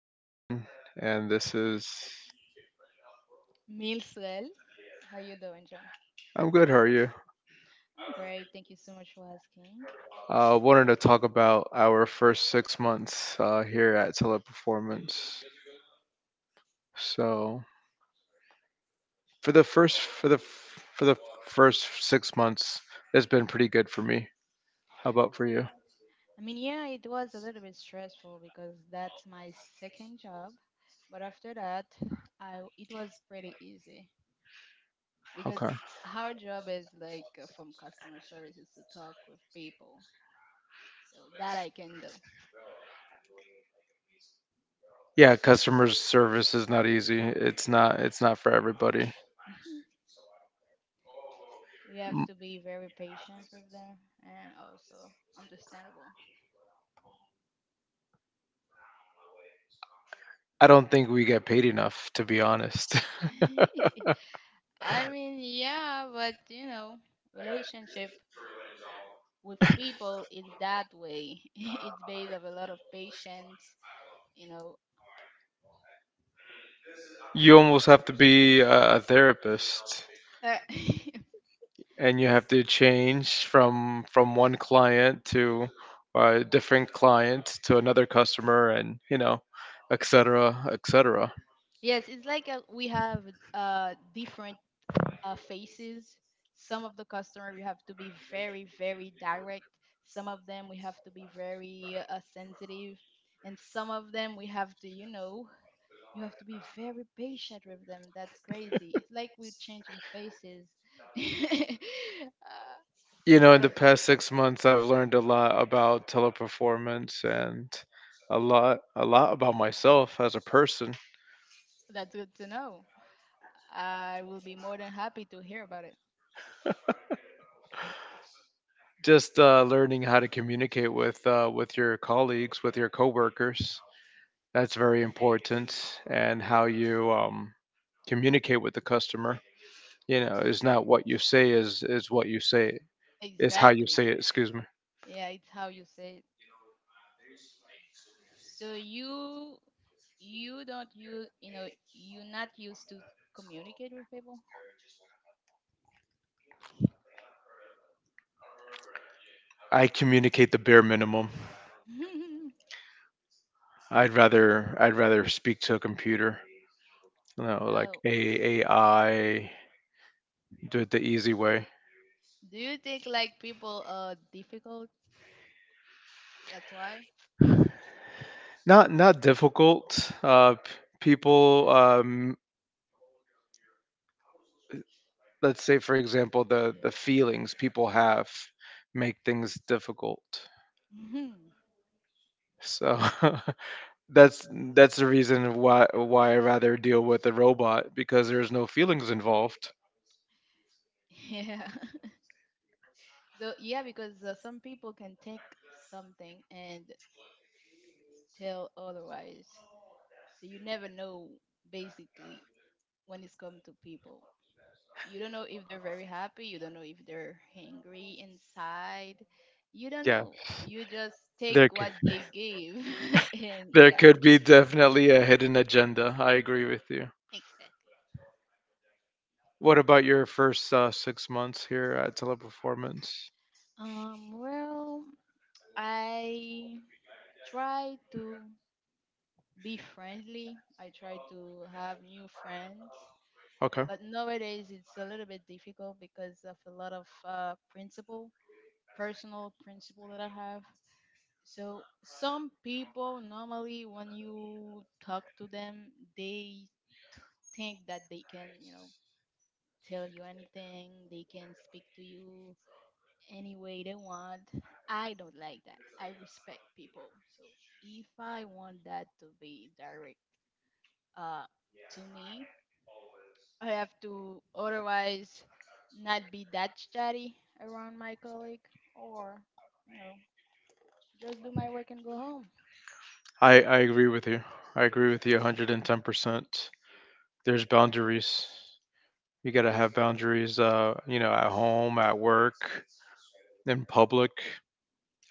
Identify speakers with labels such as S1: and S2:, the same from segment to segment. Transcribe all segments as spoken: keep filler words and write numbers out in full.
S1: is John, and this is.
S2: Meals well. How you doing, John?
S1: I'm good, how are you?
S2: I'm great. Thank you so much for asking.
S1: I uh, wanted to talk about our first six months uh, here at Teleperformance. So for the first for the for the first six months, it's been pretty good for me. How about for you?
S2: I mean, yeah, it was a little bit stressful because that's my second job, but after that, I it was pretty easy because
S1: Okay.
S2: our job is like uh, from customer services to talk with people, so that I can do.
S1: Yeah, customer service is not easy. It's not. It's not for everybody.
S2: Mhm. We have
S1: M-
S2: to be very patient with them and also understandable.
S1: I don't think we get paid enough, to be honest.
S2: I mean, yeah, but you know, relationship. With people it's that way. It's based of a lot of patience you know
S1: You almost have to be a a therapist,
S2: uh,
S1: and you have to change from from one client to uh, a different client to another customer, and you know, et cetera, et cetera.
S2: yes, it's like uh we have uh, different uh, faces. Some of the customer we have to be very very direct, some of them we have to be very uh, sensitive, and some of them we have to you know you have to be very patient with them. That's crazy, it's like we're changing faces. uh,
S1: You
S2: in
S1: know, in the
S2: front of
S1: past six months, I've learned a lot about Teleperformance, and a lot a lot about myself as a person.
S2: that's good to know. I will be more than happy to hear about it.
S1: Just uh, learning how to communicate with uh, with your colleagues, with your coworkers. That's very important. And how you um, communicate with the customer. You know, it's not what you say is is what you say. It's how you
S2: Exactly.
S1: say it, excuse me.
S2: Yeah, it's how you say it. So you you don't use you know you're not used to communicate with people.
S1: I communicate the bare minimum. I'd rather I'd rather speak to a computer. You know, like
S2: Oh,
S1: A AI, do it the easy way.
S2: do you think like people are difficult? That's why.
S1: Not not difficult. Uh, p- people, um, let's say for example, the the feelings people have make things difficult.
S2: Mhm.
S1: So that's that's the reason why why I rather deal with a robot because there's no feelings involved.
S2: Yeah. So yeah, because uh, some people can think something and tell otherwise. So you never know, basically, when it's come to people. You don't know if they're very happy, you don't know if they're hangry inside, you don't
S1: Yeah,
S2: know, you just take
S1: there c-
S2: what they gave. And
S1: there
S2: yeah.
S1: could be definitely a hidden agenda. I agree with you.
S2: Exactly.
S1: What about your first uh, six months here at Teleperformance?
S2: Um well, I try to be friendly, I try to have new friends,
S1: Okay.
S2: but nowadays it's a little bit difficult because of a lot of uh, principle, personal principle that I have. So some people normally when you talk to them, they t- think that they can, you know, tell you anything, they can speak to you any way they want. I don't like that. I respect people. So if I want that to be direct uh to me, I have to, otherwise, not be that chatty around my colleague or, you know, just do my work and go home.
S1: I, I agree with you. I agree with you one hundred ten percent. There's boundaries. You got to have boundaries, uh, you know, at home, at work, in public,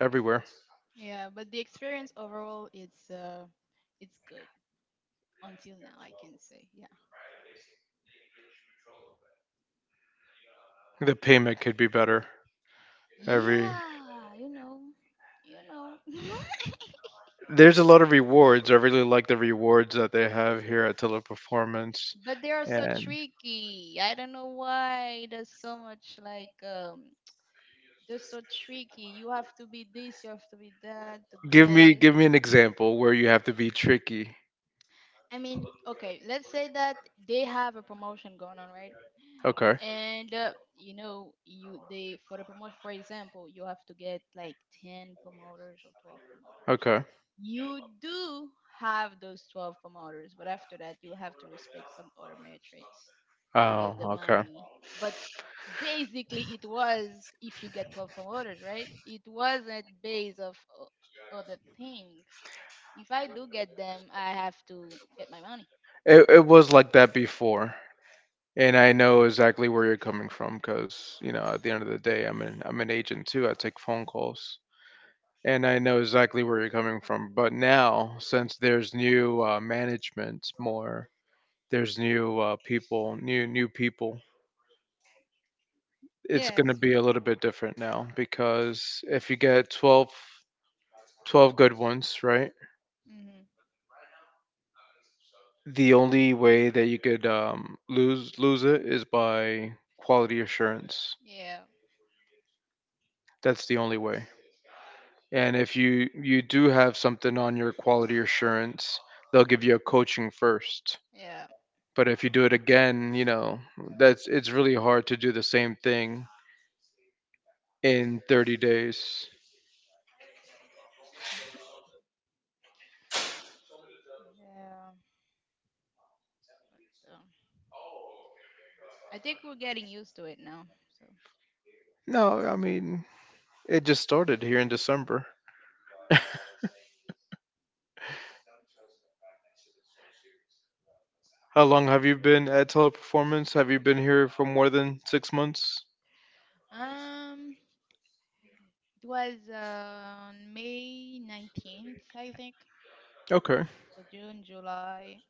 S1: everywhere.
S2: Yeah, but the experience overall it's uh it's good until now, I can say. Yeah.
S1: The payment could be better. Every
S2: Yeah, you know. You know.
S1: There's a lot of rewards. I really like the rewards that they have here at Teleperformance.
S2: But they are so
S1: And
S2: tricky. I don't know why there's so much like um they're so tricky. You have to be this, you have to be that to
S1: give
S2: get
S1: me
S2: it.
S1: give me an example where you have to be tricky.
S2: I mean, okay, let's say that they have a promotion going on, right?
S1: Okay.
S2: And uh, you know, you they for the promotion, for example, you have to get like ten promoters or twelve promoters.
S1: Okay.
S2: You do have those twelve promoters, but after that, you have to respect some other metrics to get
S1: Oh,
S2: the
S1: okay.
S2: money. But basically, it was if you get twelve promoted, right? It wasn't based of o- other things. If I do get them, I have to get my money.
S1: It it was like that before. And I know exactly where you're coming from because, you know, at the end of the day, I'm an I'm an agent too. I take phone calls. And I know exactly where you're coming from. But now, since there's new uh, management, more, there's new uh, people, new new people, it's going to
S2: Yes.
S1: be a little bit different now because if you get twelve twelve good ones, right?
S2: Mhm.
S1: The only way that you could um, lose lose it is by quality assurance.
S2: Yeah.
S1: That's the only way. And if you you do have something on your quality assurance, they'll give you a coaching first.
S2: Yeah.
S1: But if you do it again, you know, that's it's really hard to do the same thing in 30 days.
S2: Yeah. But, um, I think we're getting used to it now. So,
S1: No, I mean, it just started here in December. How long have you been at Teleperformance? Have you been here for more than six months?
S2: um, it was on May nineteenth, I think.
S1: Okay,
S2: So June, July,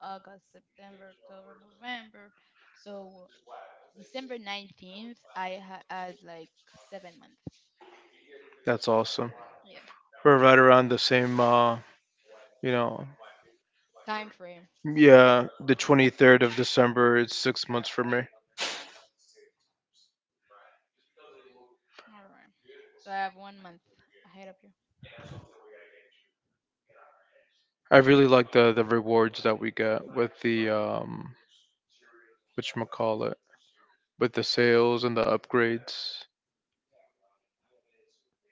S2: August, September, October, November. So December nineteenth, I ha- had like seven months.
S1: that's awesome.
S2: Yeah.
S1: We're right around the same, uh, you know,
S2: Time frame.
S1: yeah, the twenty-third of December. It's six months for me.
S2: All right. So I have one month ahead of you.
S1: I really like the the rewards that we get with the um, which call it, with the sales and the upgrades.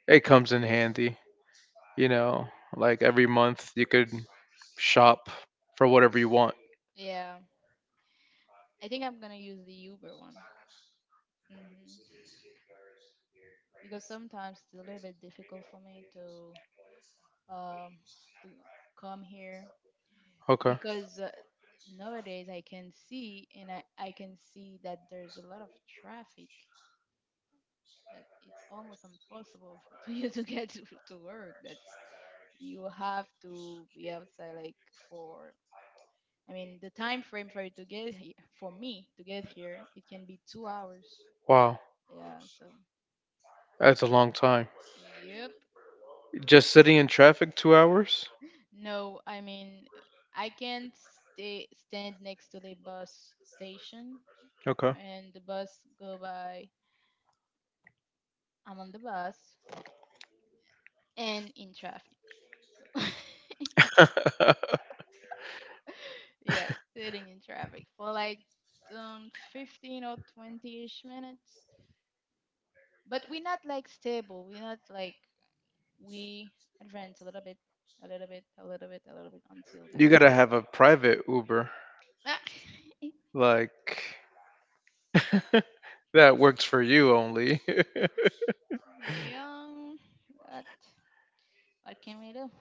S1: It comes in handy. You know, like every month you could shop for whatever you want.
S2: Yeah. I think I'm going to use the Uber one. hmm Because sometimes it's a little bit difficult for me to um to come here
S1: Okay.
S2: because uh, nowadays I can see and I, I can see that there's a lot of traffic, that it's almost impossible for to you to get to, to work. That's you have to be outside like for, I mean, the time frame for you to get he- for me to get here it can be two hours.
S1: Wow.
S2: Yeah, so
S1: That's a long time.
S2: yep.
S1: Just sitting in traffic two hours?
S2: No, I mean, I can't stay stand next to the bus station
S1: Okay.
S2: and the bus go by, I'm on the bus and in traffic, so. Yes, sitting in traffic for like um fifteen or twentyish minutes, but we're not like stable, we're not like we advance a little bit, a little bit, a little bit, a little bit until yeah.
S1: You gotta have a private Uber.
S2: Ah,
S1: Like, that works for you only.
S2: young. What, what can we do?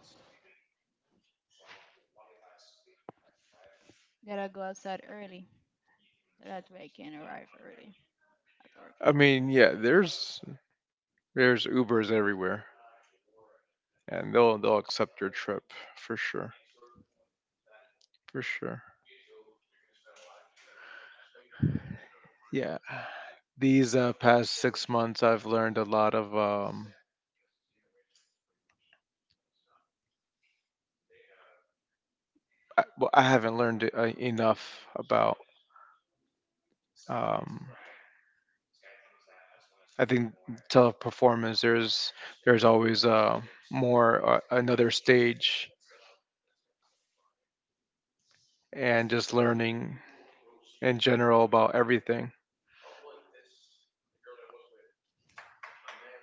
S2: Gotta go outside early. That way I can arrive early at work.
S1: I mean, yeah, there's there's Ubers everywhere, and they'll they'll accept your trip for sure, for sure. Yeah. These uh, past six months, I've learned a lot of. Um, I, well, I haven't learned uh, enough about. Um, I think Teleperformance. There's there's always uh, more, uh, another stage, and just learning in general about everything.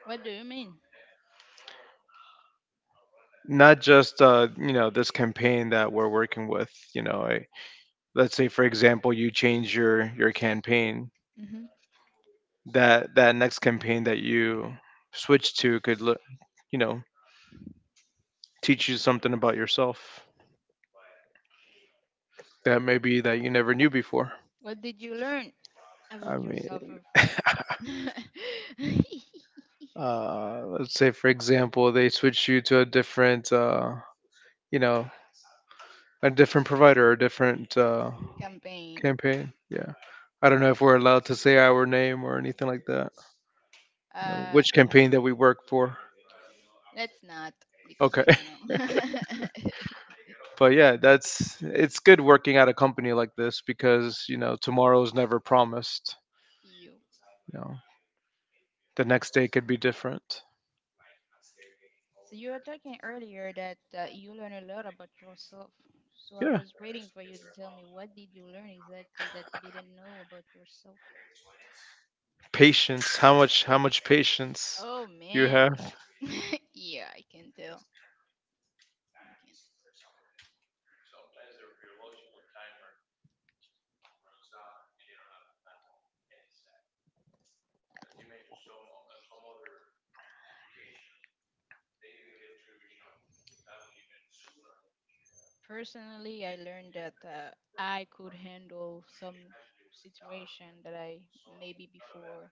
S2: What do you mean?
S1: Not just uh, you know, this campaign that we're working with. You know, I, let's say for example, you change your your campaign.
S2: Hmm.
S1: That that next campaign that you switch to could look, you know, teach you something about yourself that maybe that you never knew before.
S2: What did you learn
S1: I
S2: about yourself
S1: mean,
S2: of uh,
S1: uh, let's say for example, they switch you to a different, uh, you know, a different provider, a different uh,
S2: campaign?
S1: campaign. Yeah, I don't know if we're allowed to say our name or anything like that. You know,
S2: Uh,
S1: which campaign that we work for?
S2: let's not, because
S1: Okay.
S2: we don't know.
S1: But yeah, that's it's good working at a company like this because you know tomorrow is never promised.
S2: You.
S1: You know, the next day could be different.
S2: So you were talking earlier that uh, you learn a lot about yourself. So I
S1: Yeah.
S2: was waiting for you to tell me what did you learn exactly that you didn't know about yourself.
S1: Patience. How much? How much patience
S2: Oh
S1: you
S2: man.
S1: have
S2: Yeah, I can tell. I can. Personally, I learned that uh, I could handle some situation that I maybe before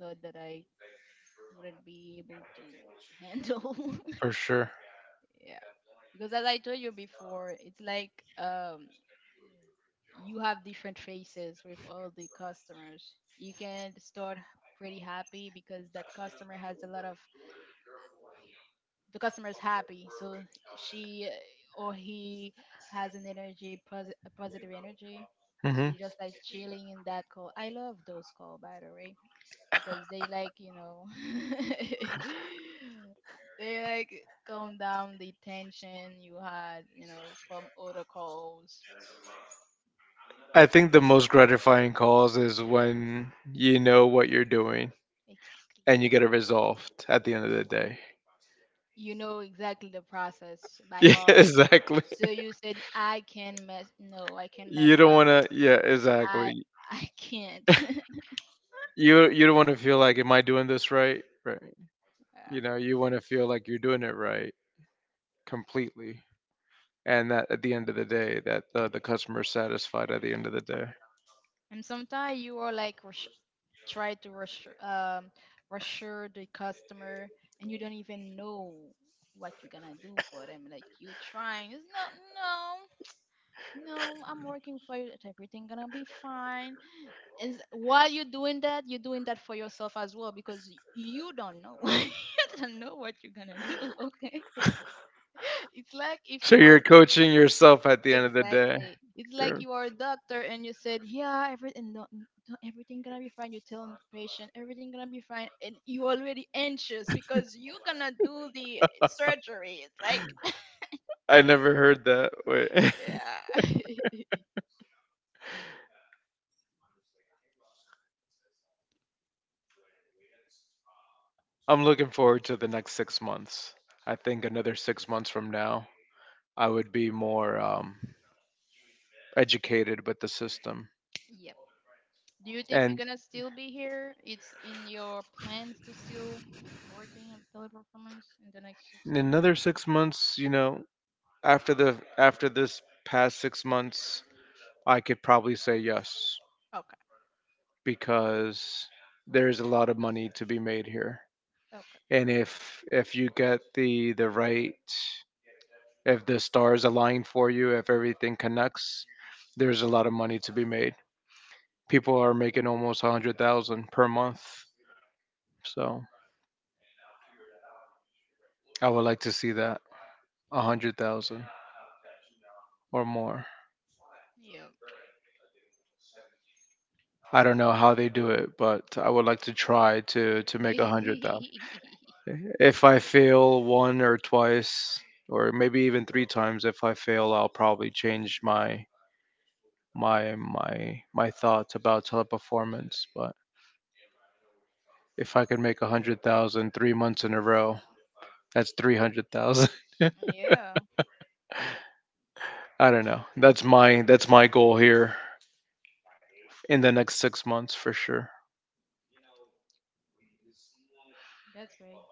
S2: thought that I wouldn't be able to handle.
S1: for sure.
S2: Yeah, because as I told you before, it's like um you have different faces with all the customers. You can start pretty happy because that customer has a lot of the customer is happy, so she or he has an energy, posi- a positive energy. So
S1: hmm
S2: you just like chilling in that call. I love those call, by the way, because they like, you know, they like calm down the tension you had, you know, from other calls.
S1: I think the most gratifying calls is when you know what you're doing
S2: Exactly.
S1: and you get it resolved at the end of the day.
S2: You know exactly the process by
S1: Yeah,
S2: heart.
S1: exactly.
S2: So you said I can mess no, I can mess
S1: You don't
S2: up.
S1: want to. Yeah,
S2: I
S1: exactly.
S2: I can't.
S1: You you don't want to feel like, am I doing this right? Right.
S2: Yeah.
S1: You know, you want to feel like you're doing it right completely. And that at the end of the day that the, the customer is satisfied at the end of the day.
S2: And sometimes you are like rush, try to rush um reassure the customer and you don't even know what you're gonna do for them. Like you trying, it's not no, no, I'm working for you, that everything gonna be fine. And s- while you're doing that, you're doing that for yourself as well because y- you don't know, you don't know what you're gonna do, okay. It's like if
S1: So
S2: you are
S1: you're coaching yourself at the end of the day.
S2: exactly it's like
S1: You're-
S2: you are a doctor and you said yeah everything no, n- no, everything gonna be fine, you're telling the patient everything gonna be fine and you already anxious because you're gonna do the surgery, it's like.
S1: I never heard that, wait.
S2: Yeah.
S1: I'm looking forward to the next six months. I think another six months from now I would be more um, educated with the system.
S2: Yep. Do you think you're
S1: And
S2: gonna still be here? It's in your plans to still working at teleperformance in the next six
S1: in
S2: months?
S1: another six months, you know, after the after this past six months, I could probably say yes because there's a lot of money to be made here.
S2: Okay.
S1: And if if you get the the right, if the stars align for you, if everything connects, there's a lot of money to be made. People are making almost one hundred thousand per month. So I would like to see that, one hundred thousand or more.
S2: Yeah.
S1: I don't know how they do it, but I would like to try to to make one hundred thousand. If I fail one or twice, or maybe even three times, if I fail, I'll probably change my my my my thoughts about Teleperformance. But if I could make a hundred thousand three months in a row, that's three hundred thousand.
S2: Yeah,
S1: I don't know. That's my that's my goal here in the next six months for sure.
S2: that's great.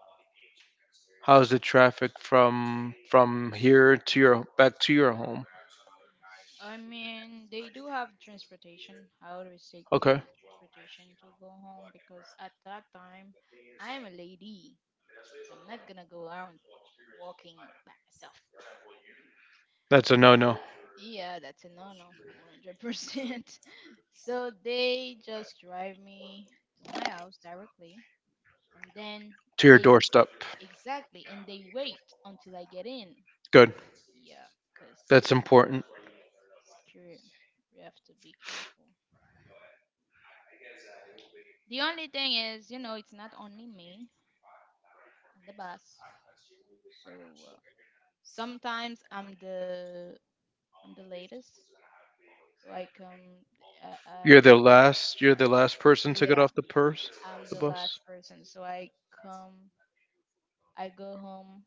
S1: How's the traffic from from here to your back to your home?
S2: I mean, they do have transportation. I always take
S1: Okay,
S2: the transportation to go home because at that time, I'm a lady, so I'm not gonna go out walking by myself.
S1: that's a no no
S2: Yeah, that's a no-no, one hundred percent. So they just drive me to my house directly, and then
S1: to your
S2: they
S1: doorstep.
S2: exactly, and they wait until I get in.
S1: Good.
S2: Yeah, because you
S1: That's
S2: know,
S1: important.
S2: secure, we have to be careful. The only thing is, you know, it's not only me on the bus. So uh, sometimes I'm the I'm the latest, so I come. Uh, uh,
S1: You're the last. You're the last person to get
S2: yeah,
S1: off the purse,
S2: I'm
S1: the
S2: the
S1: bus.
S2: last person, so I come I go home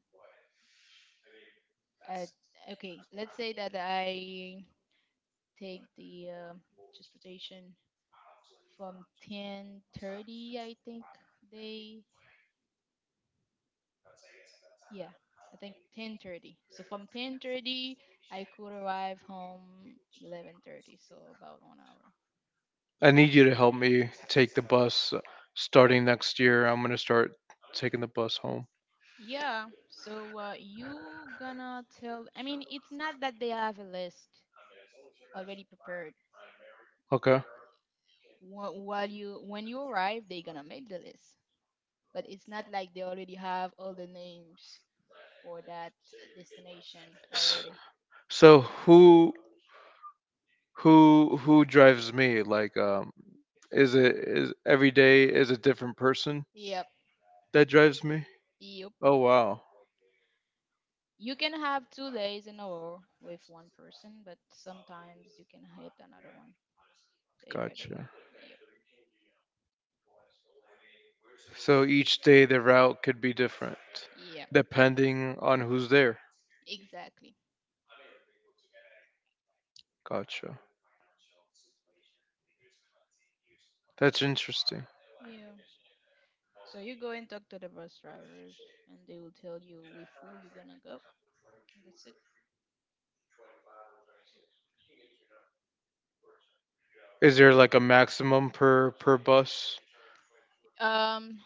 S2: at okay. Let's say that I take the uh, transportation from ten thirty. I think they yeah. I think ten thirty. So from ten thirty, I could arrive home eleven thirty. So about one hour.
S1: I need you to help me take the bus uh, starting next year. I'm gonna start taking the bus home.
S2: Yeah. So uh, you gonna tell? I mean, it's not that they have a list already prepared.
S1: Okay.
S2: Wh- While you when you arrive, they gonna make the list, but it's not like they already have all the names for that destination
S1: S-
S2: already.
S1: So who who who drives me? Like um is it is every day is a different person
S2: Yep,
S1: that drives me?
S2: yep.
S1: Oh wow.
S2: You can have two days in a row with one person, but sometimes you can hit another one day by day.
S1: Gotcha.
S2: Yep.
S1: So each day the route could be different
S2: Yeah,
S1: depending on who's there.
S2: exactly.
S1: Gotcha. That's interesting.
S2: Yeah. So you go and talk to the bus drivers, and they will tell you with who you're gonna go. That's it.
S1: Is there like a maximum per per bus?
S2: Um,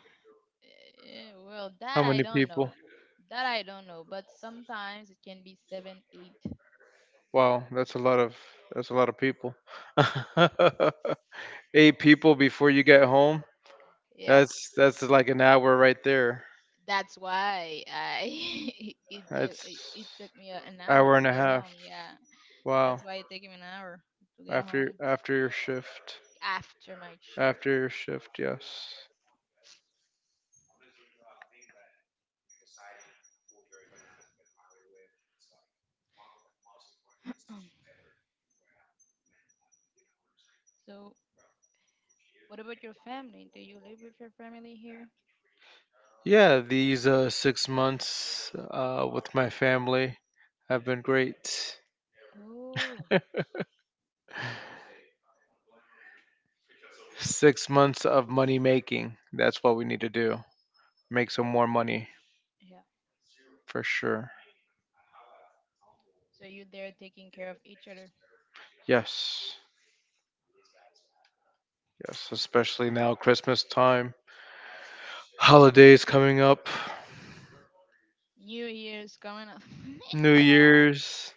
S2: eh, well,
S1: How
S2: that I
S1: many
S2: don't
S1: people?
S2: know. That I don't know, but sometimes it can be seven, eight.
S1: Wow, that's a lot of that's a lot of people. Eight people before you get home.
S2: Yeah,
S1: That's that's like an hour right there.
S2: that's why I it, it it it
S1: That's
S2: took me a- an hour
S1: hour
S2: to
S1: and a
S2: get
S1: half.
S2: home. Yeah,
S1: Wow.
S2: that's why it took me an hour to get
S1: After
S2: home
S1: after your shift.
S2: after my shift.
S1: After your shift, yes.
S2: Um, so, what about your family? Do you live with your family here?
S1: Yeah, these uh, six months uh, with my family have been great.
S2: Oh,
S1: Six months of money making. That's what we need to do. Make some more money
S2: yeah.
S1: for sure.
S2: So you there taking care of each other.
S1: Yes. Yes, especially now, Christmas time, holidays coming up,
S2: New Year's coming up.
S1: New
S2: Yeah.
S1: Year's.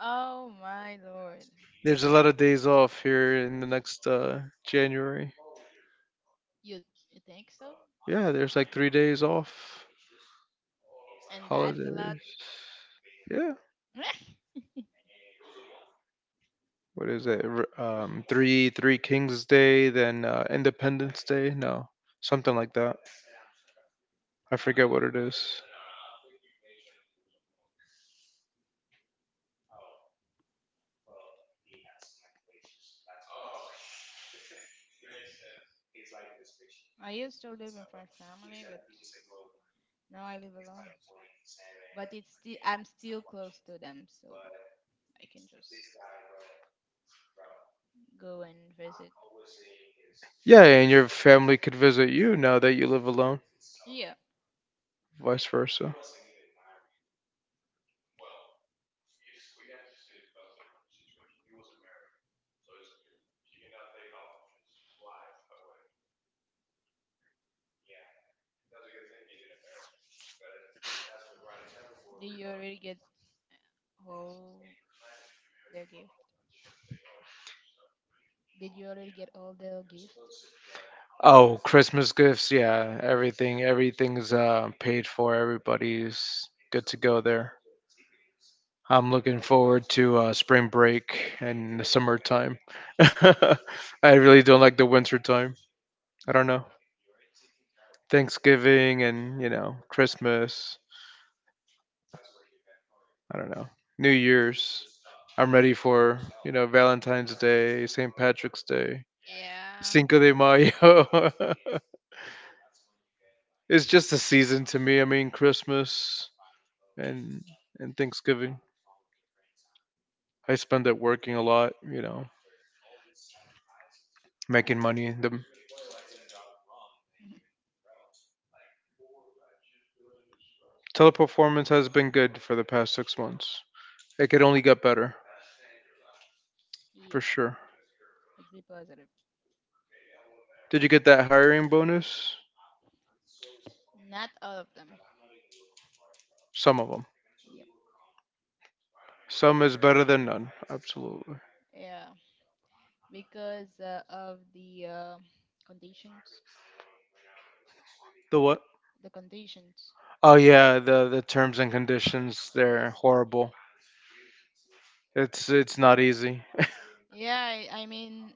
S2: Oh my lord.
S1: There's a lot of days off here in the next uh, January.
S2: You you think so?
S1: Yeah, there's like three days off,
S2: And that's a lot.
S1: holidays. Yeah, what is it? R- Um, three Three Kings Day, then uh, Independence Day. No, something like that. I forget what it is.
S2: I used to live with my family, but now I live alone. But it's still I'm still close to them, so I can just go and visit.
S1: Yeah, and your family could visit you now that you live alone,
S2: Yeah.
S1: vice versa.
S2: Did you already get all their gift? Did you already get all their gift?
S1: Oh, Christmas gifts, yeah, everything, everything's uh, paid for. Everybody's good to go there. I'm looking forward to uh, spring break and the summertime. I really don't like the winter time. I don't know. Thanksgiving and you know Christmas. I don't know. New Year's. I'm ready for you know Valentine's Day, Saint Patrick's Day.
S2: Yeah.
S1: Cinco de Mayo. It's just a season to me. I mean, Christmas and and Thanksgiving. I spend it working a lot, you know, making money. The Teleperformance has been good for the past six months. It could only get better, for
S2: Yep.
S1: sure.
S2: Let's be positive.
S1: Did you get that hiring bonus?
S2: Not all of them.
S1: Some of them.
S2: Yep.
S1: Some is better than none. Absolutely.
S2: Yeah. Because uh, of the uh, conditions.
S1: The what?
S2: The conditions.
S1: Oh yeah, the the terms and conditions.
S2: Yeah.
S1: They're horrible. It's it's not easy.
S2: Yeah. I, I mean,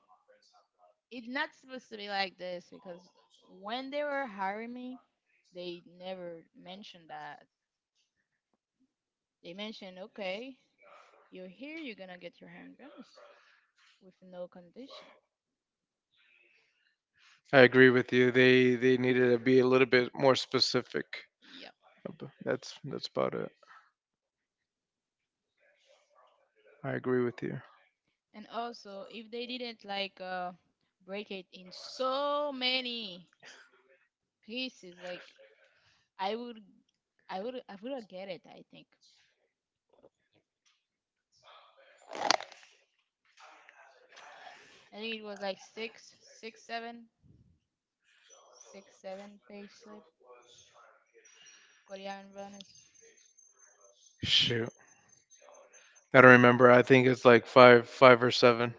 S2: it's not supposed to be like this because when they were hiring me, they never mentioned that. They mentioned, okay, you're here, you're gonna get your hand bonus with no condition.
S1: I agree with you. They they needed to be a little bit more specific.
S2: Yep.
S1: Ab- That's that's about it. I agree with you.
S2: And also, if they didn't like uh, break it in so many pieces, like I would, I would, I would get it. I think. I think it was like six, six, seven, six, seven page slip for the hand bonus.
S1: Shoot, I don't remember. I think it's like five five or seven,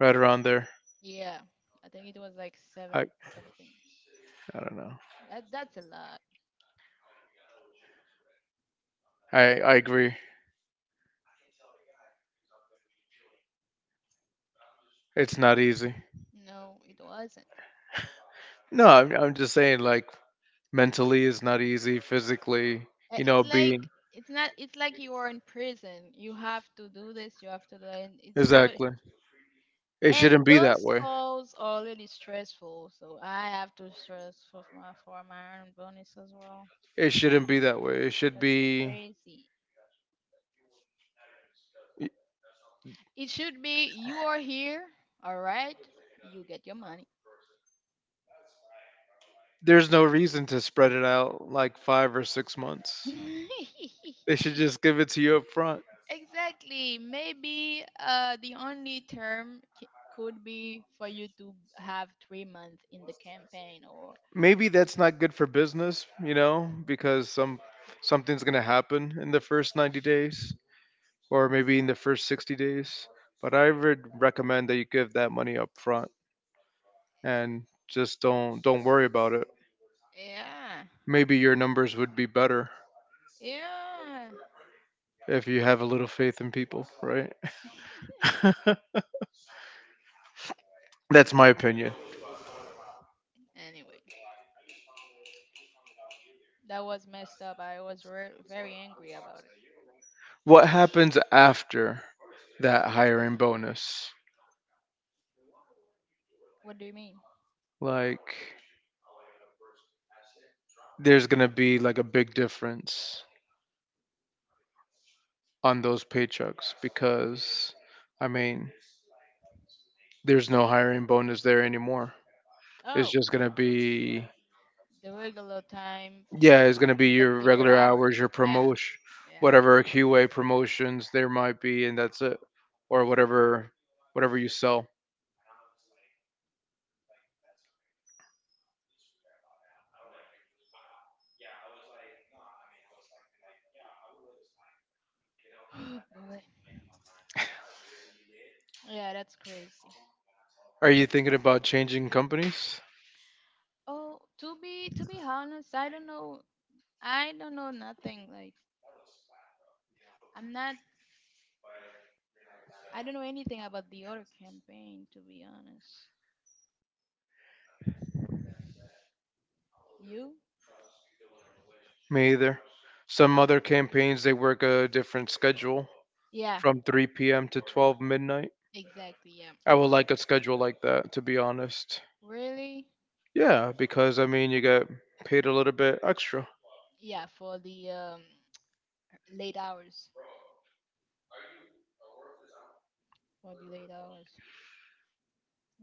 S1: right around there.
S2: Yeah, I think it was like seven
S1: I
S2: something.
S1: I don't know.
S2: That, that's a lot.
S1: I I agree. It's not easy.
S2: No, it wasn't. It
S1: No,
S2: was.
S1: I'm I'm just saying like mentally it's not easy. Physically,
S2: uh,
S1: you
S2: It's
S1: know,
S2: like
S1: being
S2: it's not. It's like you are in prison. You have to do this. You have to do. And it's already.
S1: exactly. It shouldn't
S2: And
S1: be that
S2: those
S1: way.
S2: calls are really stressful. So I have to stress for my for my own bonus as well.
S1: It shouldn't be that way. It should
S2: That's
S1: be.
S2: crazy.
S1: y-
S2: It should be you are here. All right, you get your money.
S1: There's no reason to spread it out like five or six months. They should just give it to you up front.
S2: Exactly. Maybe uh, the only term c- could be for you to have three months in the campaign or.
S1: Maybe that's not good for business, you know, because some something's gonna happen in the first ninety days or maybe in the first sixty days. But I would recommend that you give that money up front and just don't don't worry about it.
S2: Yeah.
S1: Maybe your numbers would be better
S2: Yeah.
S1: if you have a little faith in people, right? That's my opinion.
S2: Anyway, that was messed up. I was re- very angry about it.
S1: What happens after that hiring bonus?
S2: What do you mean?
S1: Like, there's gonna be like a big difference on those paychecks because I mean, there's no hiring bonus there anymore. It's
S2: Oh,
S1: just gonna be
S2: the regular time
S1: yeah,
S2: y-
S1: it's
S2: y-
S1: gonna be
S2: you get
S1: your
S2: paid per
S1: regular
S2: hour.
S1: hours, your
S2: Yeah.
S1: promotion,
S2: Yeah.
S1: whatever Q A promotions there might be, and that's it, or whatever whatever you sell.
S2: Oh boy. Yeah, that's crazy.
S1: Are you thinking about changing companies?
S2: Oh, to be to be honest, I don't know. I don't know nothing. Like I'm not I don't know anything about the other campaign, to be honest. You?
S1: Me either. Some other campaigns they work a different schedule
S2: Yeah,
S1: from three p m to twelve midnight.
S2: exactly. Yeah.
S1: I would like a schedule like that, to be honest.
S2: Really?
S1: Yeah, because I mean, you get paid a little bit extra,
S2: Yeah, for the um, late hours. For the late hours.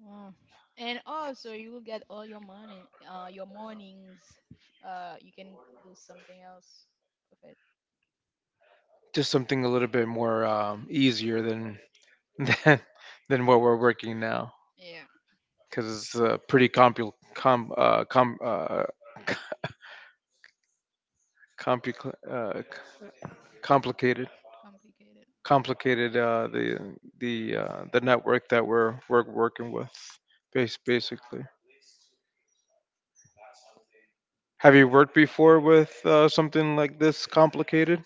S2: Wow. And also, you will get all your morning, uh, your mornings. Uh, you can do something else with it.
S1: just something a little bit more um, easier than than than what we're working now,
S2: Yeah,
S1: because it's uh, pretty compu com uh, com uh, compu uh, complicated,
S2: complicated.
S1: complicated uh, the the uh, the network that we're we're working with, bas basically. Have you
S2: It's
S1: worked before with uh, something like this complicated?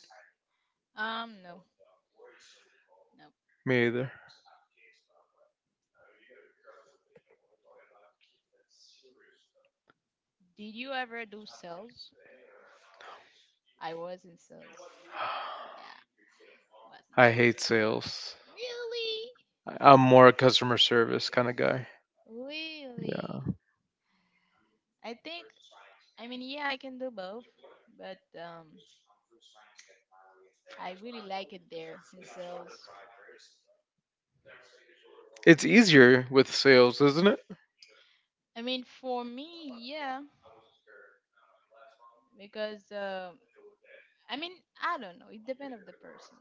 S2: um no, no.
S1: Me either.
S2: Did you ever do sales? I was in sales. Yeah, was in
S1: I
S2: sales.
S1: hate sales.
S2: Really?
S1: I- I'm more a customer service kind of guy. Yeah.
S2: Really? I think, I mean, yeah, I can do both, but um, I really like it there in sales.
S1: It's easier with sales, isn't it?
S2: I mean, for me, yeah, because uh, I mean, I don't know. It depends of the person.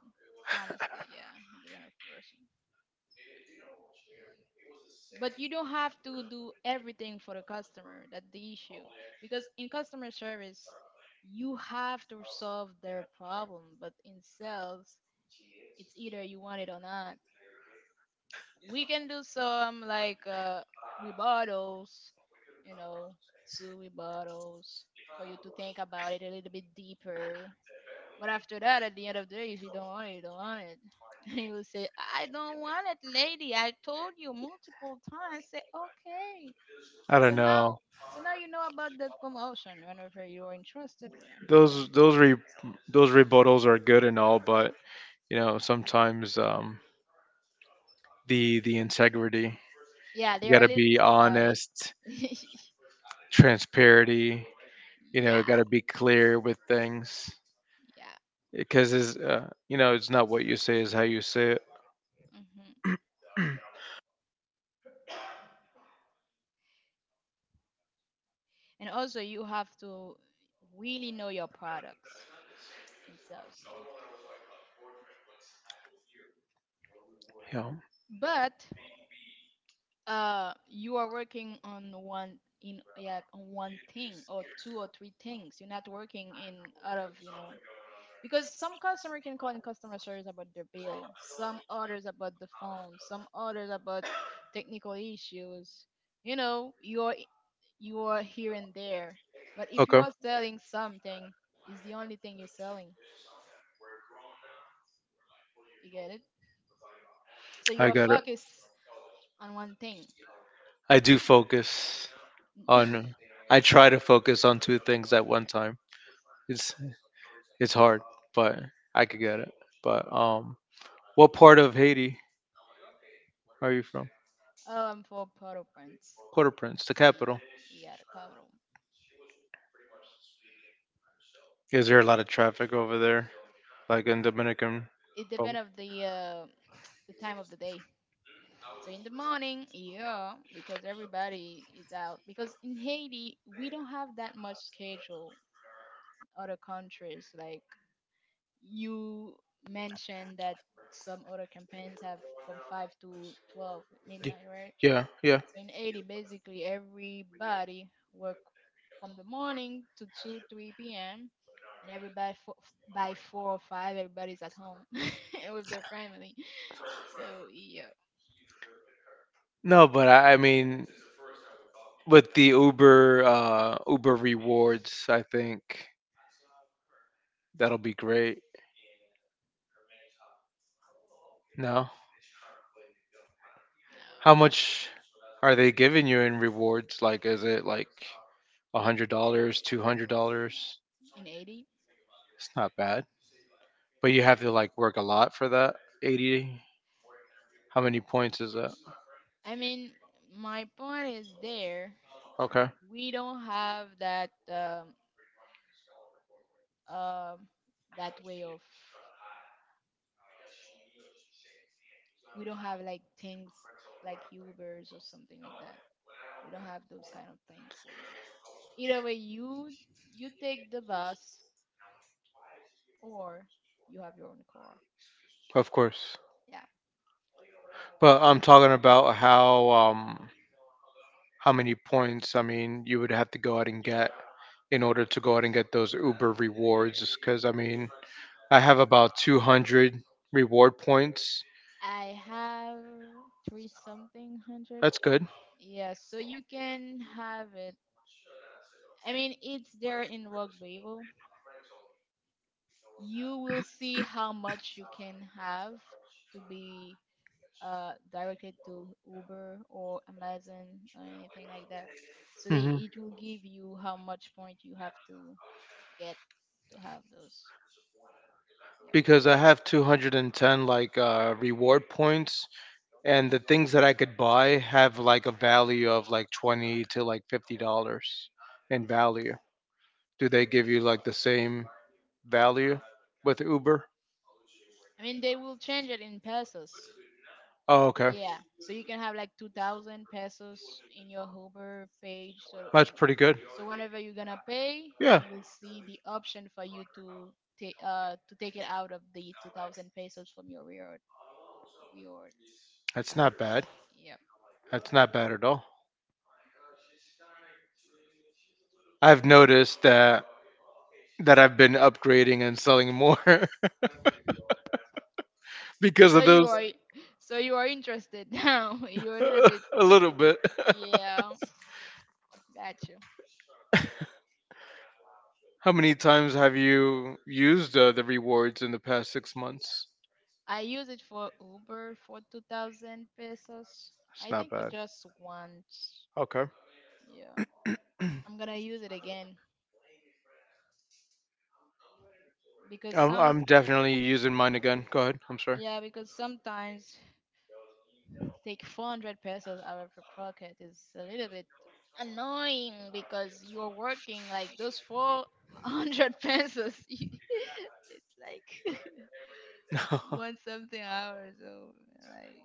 S2: Honestly, yeah, it depends of the person. But you don't have to do everything for the customer. That's the issue. Because in customer service, you have to solve their problem. But in sales, it's either you want it or not. We can do some like uh we bottles, you know, two we bottles, for you to think about it a little bit deeper. But after that, at the end of the day, if you don't want it, you don't want it. And you will say, I don't want it, lady. I told you multiple times. Say, okay.
S1: I don't
S2: So
S1: know.
S2: now, so now you know about the promotion. Whenever you are interested, right, you can.
S1: Those those re, those rebuttals are good and all, but you know sometimes um, the the integrity.
S2: Yeah,
S1: You
S2: they
S1: got
S2: are a
S1: to
S2: little
S1: be
S2: annoying.
S1: honest, transparency. You
S2: Yeah,
S1: know, got to be clear with things
S2: yeah.
S1: because is uh, you know it's not what you say is how you say it.
S2: hmm and also you have to really know your products in sales, so
S1: You know.
S2: but uh you are working on one, in yeah, on one thing or two or three things, you're not working in out of, you know, because some customer can call in customer service about their bill, some others about the phone, some others about technical issues. you know you're you're here and there. But if you
S1: Okay,
S2: are selling something, it's the only thing you're selling. You get it. So you
S1: I
S2: are
S1: got it.
S2: focused on one thing.
S1: I do focus on. I try to focus on two things at one time. It's It's hard, but I could get it. But um, what part of Haiti are you from?
S2: Oh, I'm for Poroprens.
S1: Port-au-Prince, the capital.
S2: Yeah, cabrón.
S1: Is there a lot of traffic over there, like in Dominican
S2: It
S1: Republic?
S2: depends of the uh, the time of the day. So in the morning, yeah, because everybody is out. Because in Haiti, we don't have that much schedule in other countries. Like you mentioned that some other campaigns have from five to twelve
S1: Y-
S2: midnight, right?
S1: Yeah, yeah.
S2: In eighty, basically everybody work from the morning to two, three p m, and everybody fo- f- by four or five everybody's at home with their family, so yeah.
S1: No, but I, I mean, with the Uber, uh, Uber rewards, I think that'll be great. No,
S2: No,
S1: how much are they giving you in rewards? Like, is it like a hundred dollars, two hundred dollars?
S2: in eighty,
S1: It's not bad, but you have to like work a lot for that. eighty. How many points is that?
S2: I mean, my point is there.
S1: Okay,
S2: We don't have that um, um that way of, we don't have like things like ubers or something like that, we don't have those kind of things. So either way, you you take the bus or you have your own car.
S1: of course.
S2: Yeah.
S1: But I'm talking about how um how many points, I mean you would have to go out and get in order to go out and get those Uber rewards. Because I mean I have about two hundred reward points.
S2: I have three something hundred.
S1: That's good.
S2: Yeah, so you can have it. I mean, it's there in Rock Bible. You will see how much you can have to be uh, directed to Uber or Amazon or anything like that. So they,
S1: hmm
S2: it will give you how much point you have to get to have those.
S1: Because I have two hundred and ten like uh, reward points, and the things that I could buy have like a value of like twenty to like fifty dollars in value. Do they give you like the same value with Uber?
S2: I mean, they will change it in pesos.
S1: Oh, okay.
S2: Yeah, so you can have like two thousand pesos in your Uber page. So,
S1: That's pretty good.
S2: so whenever you're gonna pay, you
S1: Yeah,
S2: will see the option for you to take uh to take it out of the two thousand pesos from your reward. Reward.
S1: that's not bad.
S2: Yep.
S1: That's not bad at all. I've noticed that that I've been upgrading and selling more because
S2: So
S1: of
S2: you
S1: those
S2: are, so you are interested now. You're a little bit.
S1: a little bit.
S2: Yeah, got you.
S1: How many times have you used uh, the rewards in the past six months?
S2: I use it for Uber for two thousand pesos.
S1: It's
S2: I
S1: not
S2: think
S1: bad.
S2: just once.
S1: Okay.
S2: Yeah. I'm gonna use it again because
S1: I'm,
S2: some
S1: I'm definitely using mine again. Go ahead. I'm sorry.
S2: yeah, because sometimes take four hundred pesos out of your pocket is a little bit annoying because you're working like those four hundred pesos. You- it's like one something hours, so like,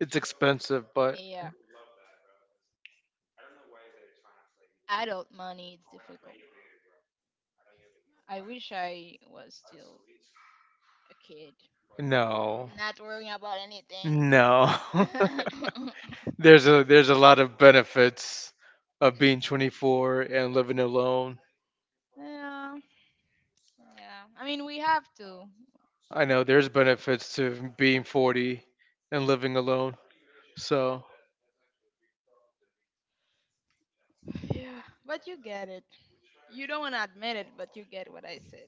S1: It's expensive, but
S2: yeah, yeah, adult money, it's difficult. I wish I was still a kid,
S1: no.
S2: not worrying about anything.
S1: No. There's a there's a lot of benefits of being twenty four and living alone.
S2: Yeah. Yeah. I mean, we have to.
S1: I
S2: I mean,
S1: know there's benefits to being forty and living alone. So,
S2: yeah. But you get it. You don't want to admit it, but you get what I said.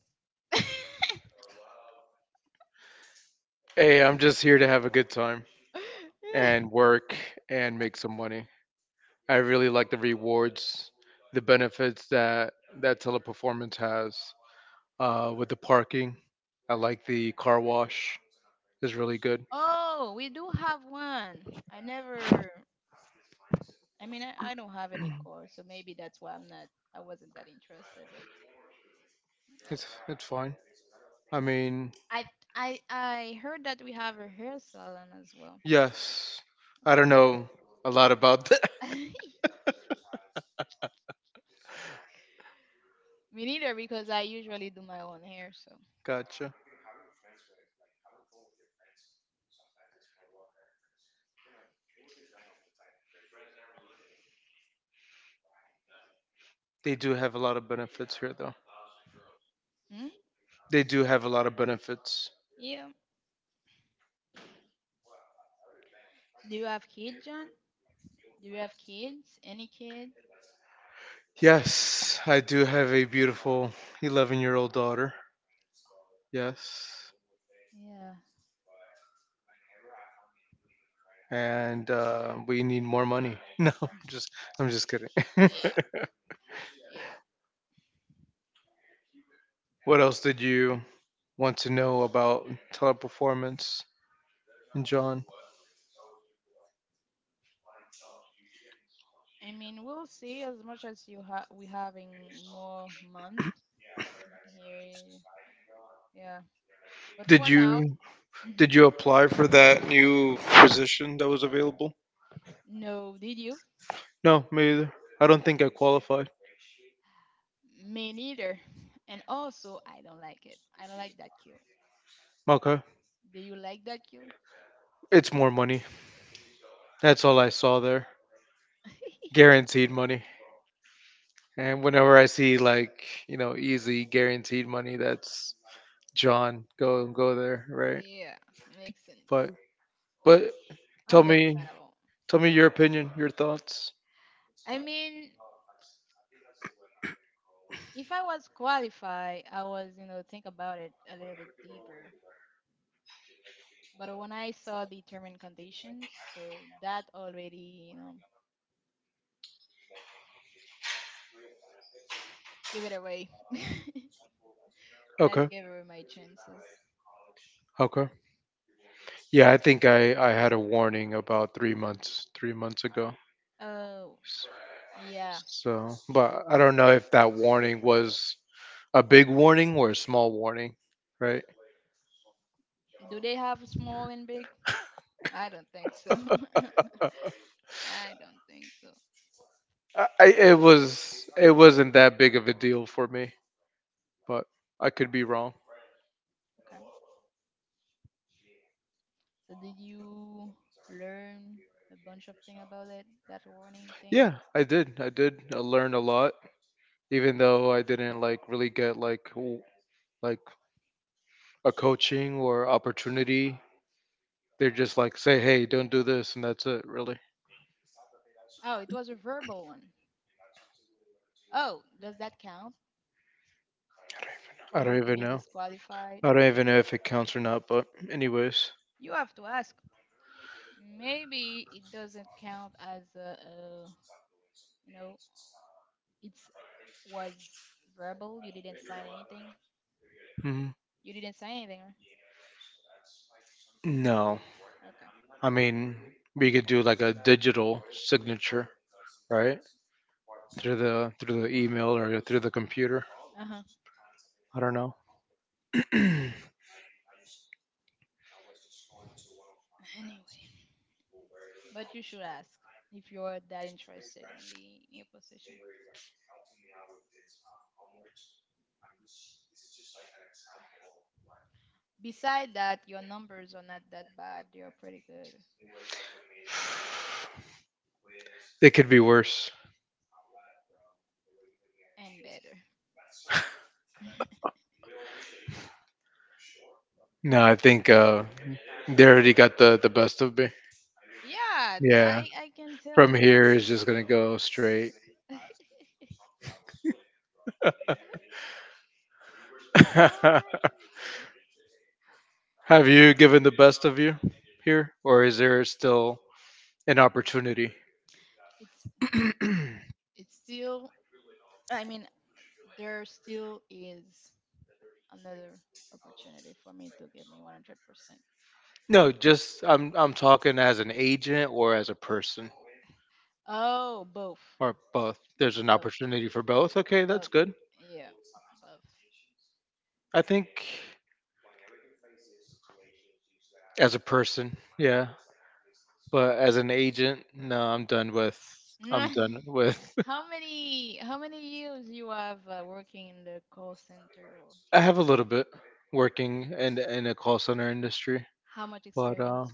S1: hey, I'm just here to have a good time and work and make some money. I really like the rewards, the benefits that that teleperformance has uh, with the parking. I like the car wash. It's really good.
S2: Oh, we do have one. I never. I mean, I, I don't have any core, so maybe that's why I'm not. I wasn't that interested. But yeah.
S1: It's it's fine. I mean,
S2: I I I heard that we have a hair salon as well.
S1: yes. I don't know a lot about
S2: Me neither, because I usually do my own hair. So.
S1: Gotcha. They do have a lot of benefits here, though.
S2: Hmm?
S1: They do have a lot of benefits.
S2: Yeah. So do you have kids, John? Do you have kids? Any kids?
S1: Yes, I do have a beautiful eleven year old daughter. Yes.
S2: Yeah.
S1: And uh, we need more money. No, I'm just I'm just kidding.
S2: Yeah, yeah.
S1: What else did you want to know about teleperformance, John?
S2: I mean, we'll see. As much as you have, we having more month here. Yeah, but
S1: Did
S2: for now,
S1: you
S2: hmm
S1: did you apply for that new position that was available?
S2: no. Did you?
S1: No, me either. I don't think I qualified.
S2: Me neither. And also, I don't like it. I don't like that queue.
S1: Okay.
S2: Do you like that queue?
S1: It's more money. That's all I saw there. Guaranteed money. And whenever I see like, you know, easy guaranteed money, that's John, go go there, right?
S2: Yeah, makes sense.
S1: But but tell me
S2: Understandable.
S1: tell me your opinion, your thoughts.
S2: I mean, if I was qualified, I was, you know, think about it a little bit deeper. But when I saw the term and conditions, so that already, you know. Give it away. That
S1: Okay.
S2: gave away my chances.
S1: Okay. Yeah, I think I I had a warning about three months three months ago.
S2: Oh,
S1: S-
S2: yeah.
S1: So, but I don't know if that warning was a big warning or a small warning, right?
S2: Do they have small and big? I don't think so. I
S1: Uh,
S2: don't think so.
S1: I, I- it was it wasn't that big of a deal for me, but I could be wrong.
S2: Okay. So did you learn a bunch of thing about it? That warning thing?
S1: Yeah, I did. I did uh, learn a lot, even though I didn't like really get like w- like a coaching or opportunity. They're just like say, "Hey, don't do this," and that's it. Really,
S2: Oh, it was a verbal one. Oh, does that count for
S1: I don't
S2: you to
S1: even
S2: be
S1: know.
S2: disqualified?
S1: I don't even know if it counts or not. But anyways,
S2: You have to ask. Maybe it doesn't count as a, a you know, it was verbal. You didn't sign anything.
S1: mhm.
S2: You didn't say anything, right?
S1: No.
S2: Okay.
S1: I mean, we could do like a digital signature, right? Through the through the email or through the computer.
S2: Uh huh.
S1: I don't know.
S2: Anyway, but you should ask if you're that interested in the new position. Beside that, your numbers are not that bad. They're pretty good
S1: It could be worse.
S2: and better.
S1: No, I think uh, they already got the the best of me.
S2: Yeah, th-
S1: Yeah.
S2: I I can tell
S1: From here
S2: they're.
S1: is just gonna go straight. Have
S2: Well,
S1: you given the best of you here, or is there still an opportunity?
S2: it's it's still. I mean, there still is another opportunity for me to give me one hundred percent.
S1: No, just I'm I'm talking as an agent or as a person
S2: Oh, both,
S1: or both. There's an
S2: both,
S1: opportunity for both. Okay, that's
S2: both.
S1: good.
S2: Yeah, both.
S1: I think as a person, yeah, but as an agent, no, I'm done with. I'm done with.
S2: How many how many years you have uh, working in the call center or
S1: I have a little bit working in in a call center industry,
S2: how much
S1: but uh,
S2: experience?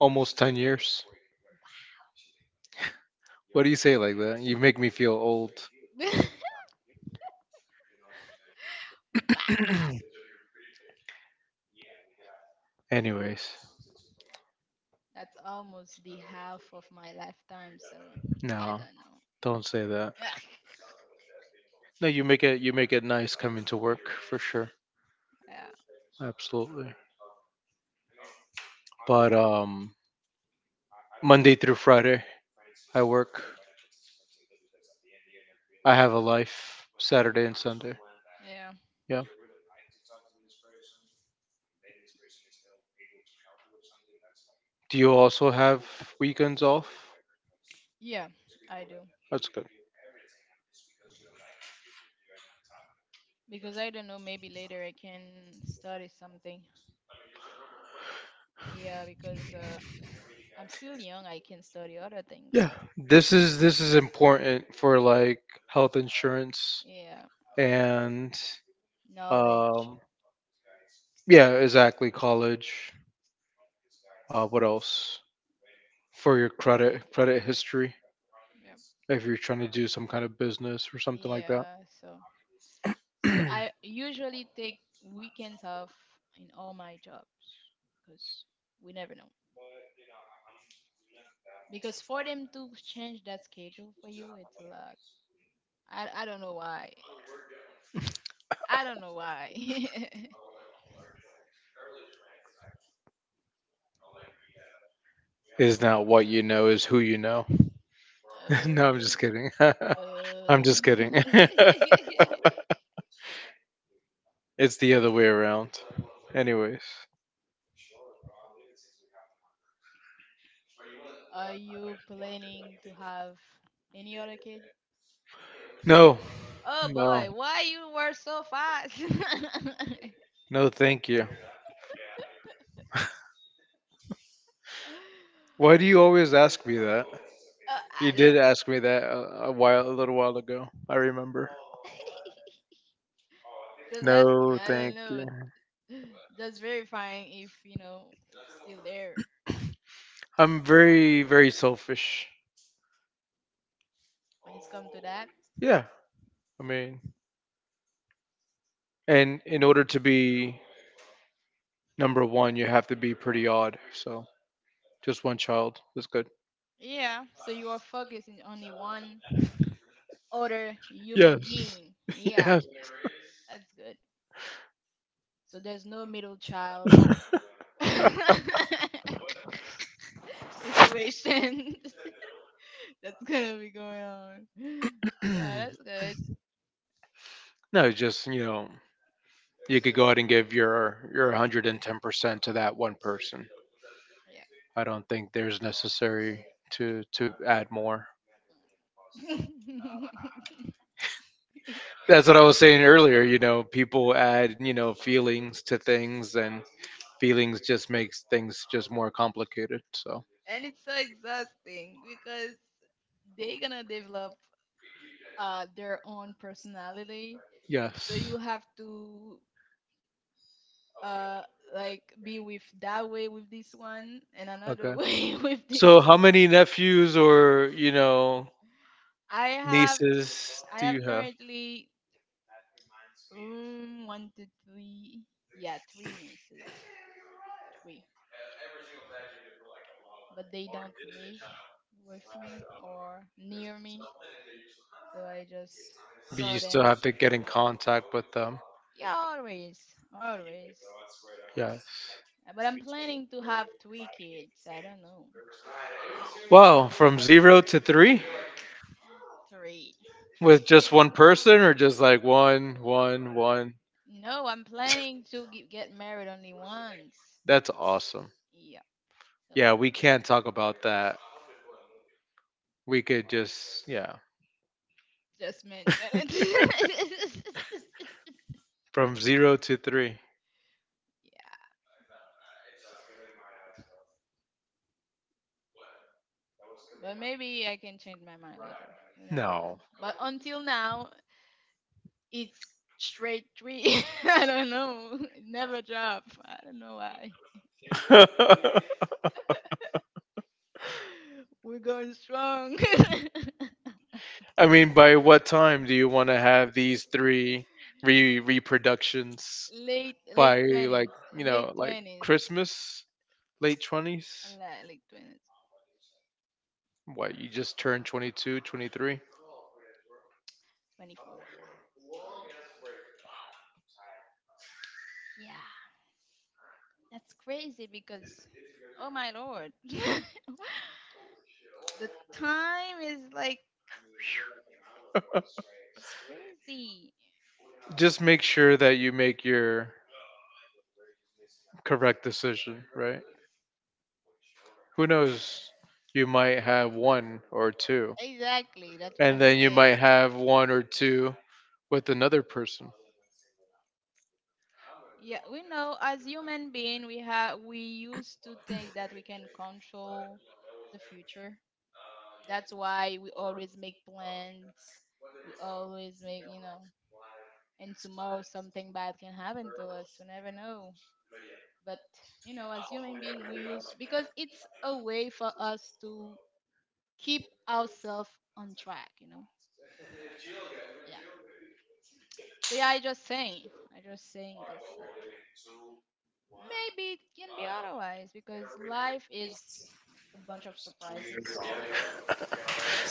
S1: almost ten years. What do you say like that? You make me feel old.
S2: Wow,
S1: Anyways,
S2: that's almost the half of my lifetime, so I
S1: no,
S2: don't know.
S1: don't say that. No, you make it you make it nice coming to work for sure.
S2: Yeah,
S1: Absolutely. But um Monday through Friday I work. I have a life Saturday and Sunday.
S2: yeah,
S1: Yeah. Do you also have weekends off?
S2: yeah, I do.
S1: That's good.
S2: Because I don't know, maybe later I can study something. Yeah, because uh, I'm still young, I can study other things.
S1: Yeah.
S2: So,
S1: This is this is important for like health insurance
S2: yeah,
S1: and
S2: knowledge.
S1: um yeah, exactly college. Uh what else? For your credit credit history
S2: Yeah,
S1: if you're trying to do some kind of business or something like that.
S2: yeah, so. So I usually take weekends off in all my jobs because we never know. Because for them to change that schedule for you, it's a lot. I, I don't know why. I don't know why.
S1: Is not what you know is who you know. No, I'm
S2: Oh.
S1: just kidding. I'm
S2: Oh.
S1: just kidding. It's the other way around. Anyways,
S2: Are you planning to have any other kid?
S1: no,
S2: Oh
S1: no,
S2: boy, why you were so fast? uh,
S1: no thank you. Why do you always ask me that? You
S2: I
S1: did
S2: don't.
S1: ask me that a, a while, a little while ago, I remember.
S2: Just asking.
S1: No
S2: I don't
S1: thank
S2: know.
S1: you.
S2: Just verifying if you know we're still there
S1: I'm very, very selfish.
S2: when it's come to that.
S1: Yeah, I mean, and in order to be number one, you have to be pretty odd. So just one child is good.
S2: Yeah, so you are focusing only one other human
S1: Yes.
S2: being. Yeah,
S1: Yes.
S2: that's good. So there's no middle child situation that's gonna be going on. Yeah,
S1: No,
S2: that's good.
S1: just you know, you could go ahead and give your your one hundred and ten percent to that one person.
S2: Yeah.
S1: I don't think there's necessary to to add more. That's what I was saying earlier. You know, people add you know feelings to things, and feelings just makes things just more complicated. So
S2: And it's so exhausting because they're gonna develop uh, their own personality, so
S1: yes,
S2: you have to uh like be with that way with this one and another
S1: okay.
S2: way with this.
S1: So, how many nephews or you know
S2: i have
S1: nieces
S2: i
S1: do
S2: have
S1: you have?
S2: currently, um, one to three, yeah, three nieces, three. But they don't live with me or near me, so I just
S1: But
S2: saw
S1: you still
S2: them,
S1: have to get in contact with them.
S2: yeah, always, always.
S1: Yes.
S2: Uh, but I'm planning to have three kids. I don't know.
S1: Wow, from zero to three
S2: Three,
S1: with
S2: three.
S1: just one person, or just like one, one, one.
S2: No, I'm planning to ge- get married only once.
S1: That's awesome.
S2: Yeah, so
S1: Yeah, we can't talk about that. We could just yeah,
S2: just mention it.
S1: from zero to three.
S2: Yeah, but maybe I can change my mind later. We never
S1: No.
S2: know. But until now, it's straight three. I don't know. It never drop. I don't know why. We're going strong.
S1: I mean, by what time do you want to have these three re reproductions?
S2: late, late
S1: By like,
S2: twenties,
S1: you know,
S2: late
S1: like
S2: twenties,
S1: Christmas, late twenties?
S2: Like, late twenties.
S1: What, you just turned twenty two, twenty three?
S2: Twenty four. Yeah. That's crazy because, oh my lord, the time is like, that's crazy.
S1: Just make sure that you make your correct decision, right? Who knows? You might have one or two,
S2: Exactly, that's what
S1: and
S2: I'm
S1: then you
S2: saying.
S1: might have one or two with another person.
S2: Yeah, we know as human being, we have we used to think that we can control the future. That's why we always make plans. We always make, you know, and tomorrow something bad can happen to us. We never know. But you know, as human being, we use because it's a way for us to keep ourselves on track, you know. Yeah. So yeah, I just saying, I just saying this, but maybe it can be otherwise because life is a bunch of surprises.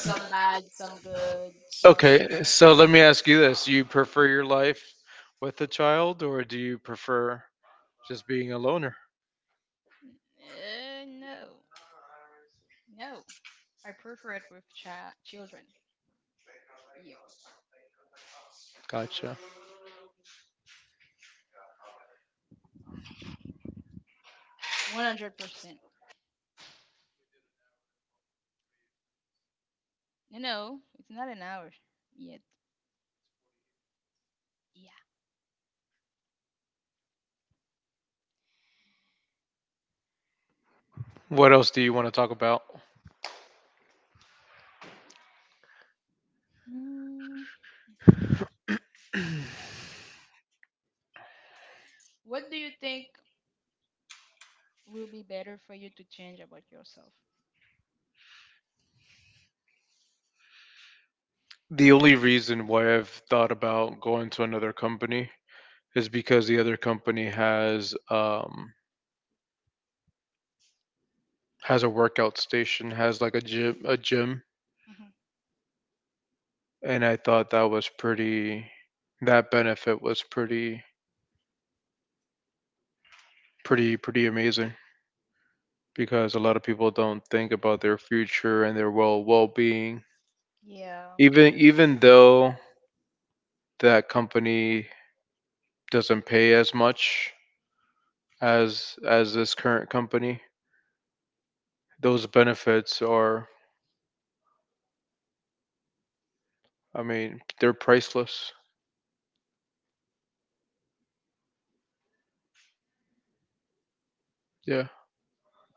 S2: Some bad, some good. One.
S1: Okay, so let me ask you this. Do you prefer your life with a child, or do you prefer just being a loner?
S2: Uh, no, no. I prefer it with cha- children. Yep,
S1: Gotcha.
S2: one hundred percent. You know, it's not an hour yet. Yeah.
S1: What else do you want to talk about?
S2: Hmm. What do you think will be better for you to change about yourself?
S1: The only reason why I've thought about going to another company is because the other company has um has a workout station, has like a gym a gym,
S2: Hmm.
S1: and I thought that was pretty that benefit was pretty pretty pretty amazing because a lot of people don't think about their future and their well well-being.
S2: Yeah.
S1: Even even though that company doesn't pay as much, as as this current company. Those benefits are, I mean, they're priceless. Yeah,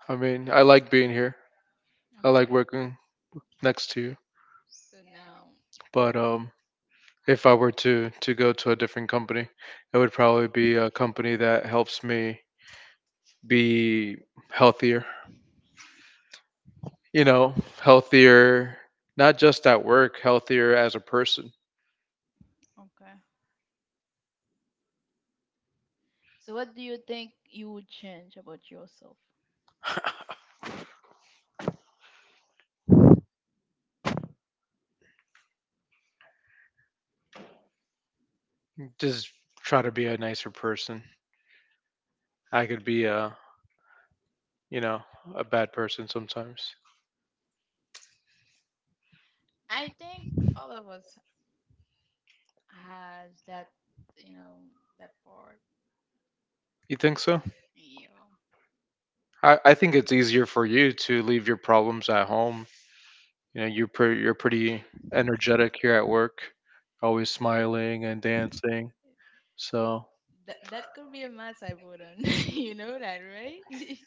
S1: I mean, I like being here. I like working next to you.
S2: So now,
S1: But um, if I were to to go to a different company, it would probably be a company that helps me be healthier. You know, healthier, not just at work, healthier as a person.
S2: okay. So what do you think you would change about yourself?
S1: Just try to be a nicer person. I could be a, you know, a bad person sometimes.
S2: I think all of us has that, you know, that part.
S1: You think so?
S2: You know,
S1: I, I think it's easier for you to leave your problems at home. You know, you're pre- you're pretty energetic here at work, always smiling and dancing. So
S2: that that could be a mass I put on. You know that, right?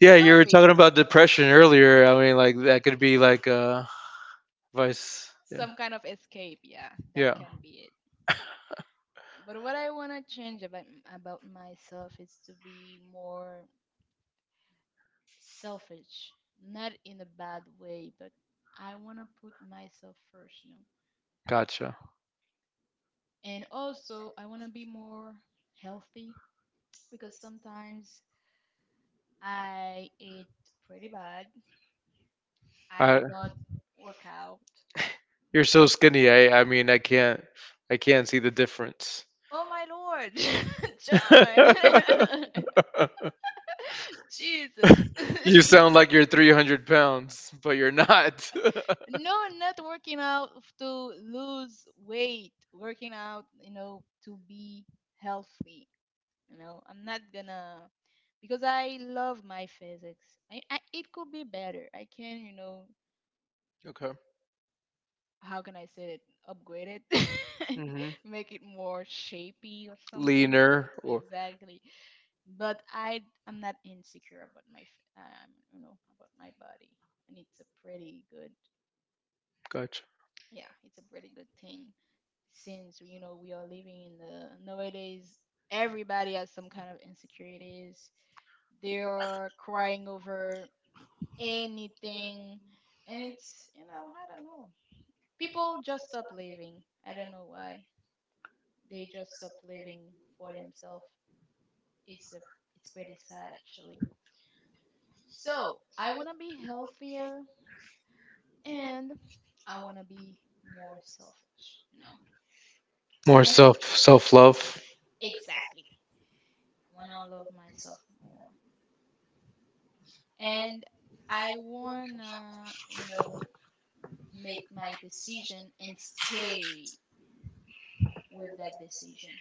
S1: yeah, you
S2: Could
S1: were
S2: be
S1: talking about depression earlier. I mean, like that could be like a vice. Yeah,
S2: some kind of escape. Yeah, that
S1: yeah,
S2: can be it. But what I want to change about about myself is to be more selfish, not in a bad way, but I want to put myself first. You know,
S1: gotcha.
S2: and also, I want to be more healthy because sometimes I eat pretty bad. I
S1: I,
S2: don't work out.
S1: you're so skinny. I I mean, I can't I can't see the difference.
S2: Oh my Lord, John! Jesus.
S1: You sound like you're three hundred pounds, but you're not.
S2: No, not working out to lose weight, working out, you know, to be healthy. You know, I'm not gonna because I love my physics. I, I it could be better. I can, you know,
S1: Okay.
S2: how can I say it? Upgrade it,
S1: Hmm.
S2: make it more shapy or something.
S1: Leaner or
S2: Exactly. But I I'm not insecure about my f- um you know about my body, and it's a pretty good
S1: gotcha.
S2: yeah it's a pretty good thing since you know we are living in the nowadays everybody has some kind of insecurities. They are crying over anything, and it's you know I don't know people just stop living. I don't know why. They just stopped living for themselves. It's a, it's pretty sad actually. So I wanna be healthier and I wanna be more selfish, you know.
S1: More
S2: And
S1: self self love.
S2: exactly, I wanna love myself more, and I wanna, you know, make my decision and stay with that decision.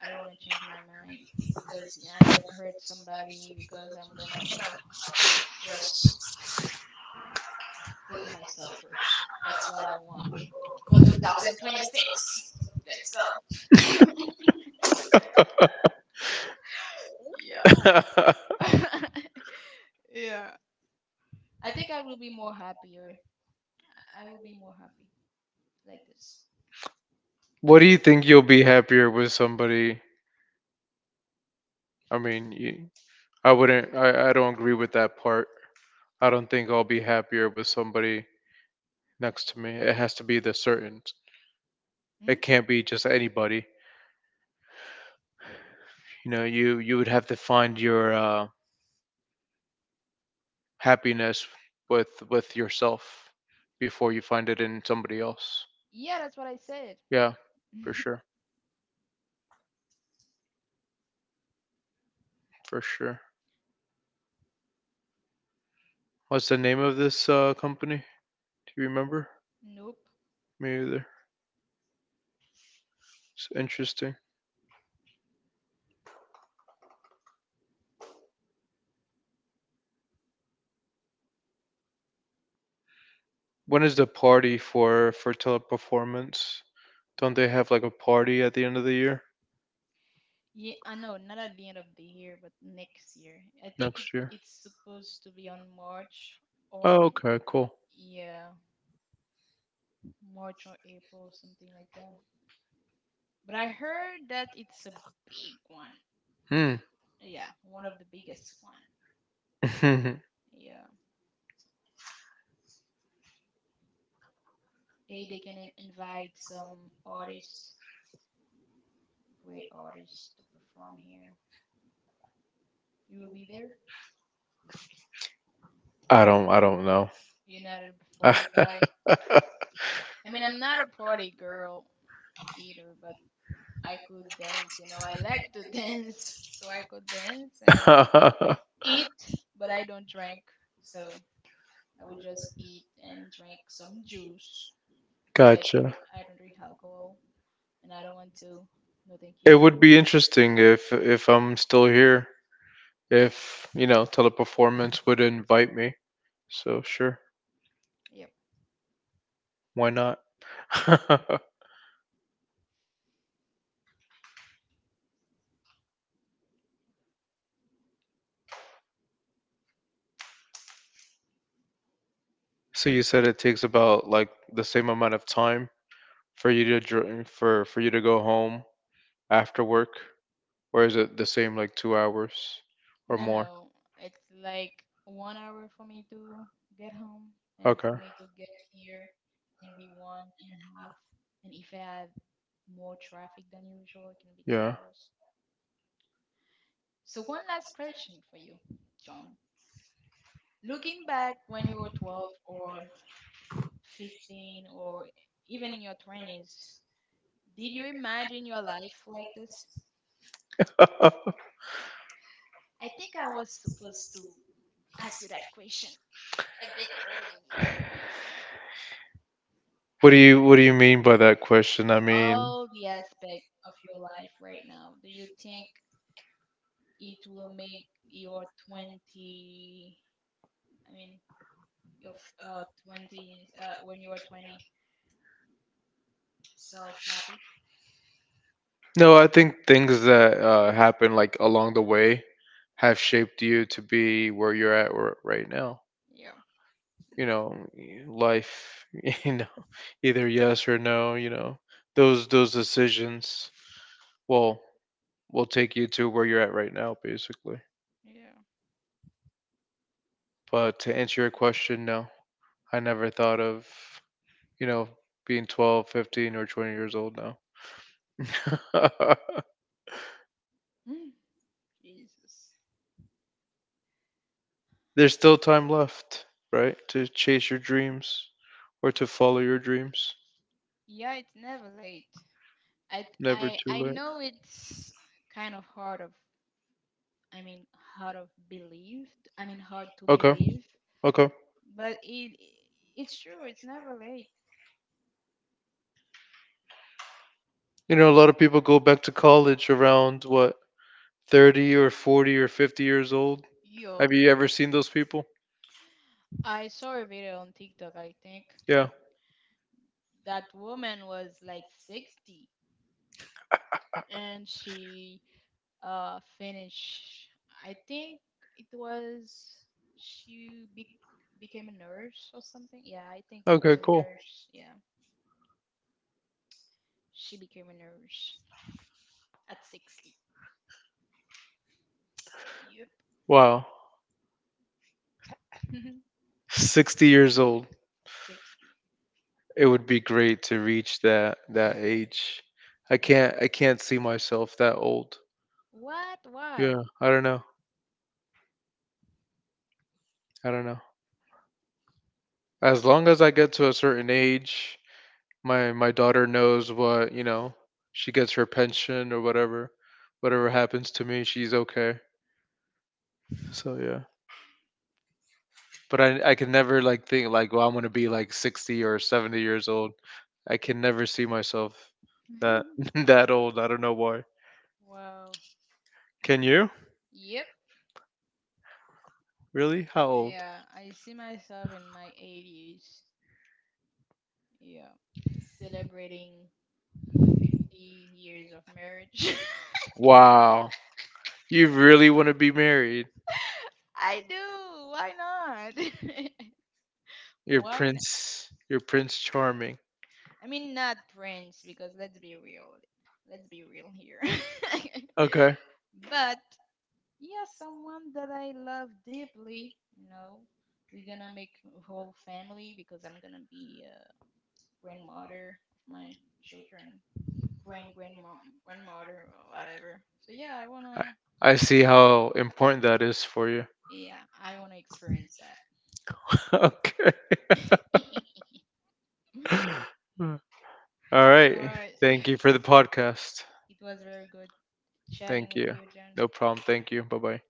S2: I don't wanna change my mind because you know, I'm gonna hurt somebody because I'm gonna, you know, just put myself first. That's what I want for two thousand twenty-six. Let's go. Yeah. Yeah. I think I will be more happier. I I will be more happy like this.
S1: What do you think you'll be happier with somebody? I mean, you, I wouldn't. I, I don't agree with that part. I don't think I'll be happier with somebody next to me. It has to be the certain.
S2: Hmm?
S1: It can't be just anybody. You know, you you would have to find your uh, happiness with with yourself before you find it in somebody else.
S2: Yeah, that's what I said.
S1: Yeah, for sure, for sure. What's the name of this uh, company? Do you remember?
S2: Nope.
S1: Me either. It's interesting. When is the party for for teleperformance? Don't they have like a party at the end of the year?
S2: Yeah, I know, not at the end of the year, but next year. I think it,
S1: Next year.
S2: it's supposed to be on March
S1: Oh,
S2: or
S1: okay, cool.
S2: yeah, March or April, something like that. But I heard that it's a big one.
S1: Hmm.
S2: Yeah, one of the biggest one. Yeah. Hey, they can in- invite some artists, great artists to perform here. You will be there?
S1: I don't I don't know.
S2: You're not a party guy? I mean, I'm not a party girl either, but I could dance, you know. I like to dance, so I could dance and eat, but I don't drink. So I would just eat and drink some juice because I
S1: Gotcha.
S2: drink I don't drink alcohol and I don't want to. No, thank
S1: It
S2: you.
S1: would be interesting if if I'm still here, if, you know, teleperformance would invite me. So sure,
S2: Yep.
S1: why not? So you said it takes about like the same amount of time for you to dr- for for you to go home after work, or is it the same like two hours or
S2: No,
S1: more?
S2: no. It's like one hour for me to get home and
S1: Okay,
S2: for me to get here maybe one and a half. And if I have more traffic than usual, it can be two
S1: yeah.
S2: hours. So one last question for you, John. Looking back when you were twelve or fifteen or even in your twenties, did you imagine your life like this? I think I was supposed to ask you that question a bit earlier.
S1: What do you what do you mean by that question? I mean,
S2: All the aspect of your life right now, do you think it will make your twenty, I mean, your f- uh twenty, uh when you are twenty self happy?
S1: no, I think things that uh, happen like along the way have shaped you to be where you're at r- right now.
S2: Yeah, no,
S1: You know life, you know, either yes or no, you know, those those decisions will will take you to where you're at right now, basically.
S2: yeah.
S1: But to answer your question, no, I never thought of, you know, being twelve, fifteen or twenty years old now.
S2: Hmm, Jesus.
S1: There's still time left, right, to chase your dreams or to follow your dreams.
S2: Yeah, it's never late. I th-
S1: Never
S2: I
S1: too
S2: I
S1: late.
S2: know it's kind of hard of I mean hard of believe. I mean hard to
S1: Okay,
S2: believe,
S1: okay.
S2: but it it's true. It's never late.
S1: You know, a lot of people go back to college around what, thirty or forty or fifty years old.
S2: Yeah.
S1: Have you ever seen those people?
S2: I saw a video on TikTok, I think.
S1: Yeah.
S2: That woman was like sixty and she uh finished I think it was she be- became a nurse or something. Yeah, I think it was
S1: Okay,
S2: a
S1: cool.
S2: nurse. Yeah. She became a nurse at sixty. Yep.
S1: Wow. sixty years old.
S2: sixty.
S1: It would be great to reach that that age. I can't I can't see myself that old.
S2: What? Why?
S1: Yeah, I don't know. I don't know. As long as I get to a certain age, my my daughter knows what you know she gets her pension or whatever whatever happens to me, she's okay. So yeah, but I I can never like think like, well, I'm gonna be like sixty or seventy years old. I can never see myself that that old. I don't know why.
S2: Wow.
S1: Can you,
S2: Yep.
S1: really? How old?
S2: Yeah, I see myself in my eighties. Yeah. Celebrating fifty years of marriage.
S1: Wow, you really want to be married?
S2: I do. Why not?
S1: You're
S2: Why not?
S1: prince, you're prince charming.
S2: I mean, not Prince, because let's be real. Let's be real here.
S1: Okay,
S2: But yeah, someone that I love deeply. You know, we're gonna make a whole family because I'm gonna be a grandmother of my children, grand grandmom, grandmother, or whatever. So yeah, I
S1: i,
S2: wanna.
S1: I see how important that is for you. Okay. All right. Thank you for the podcast. Thank you. No problem. Thank you. Bye bye.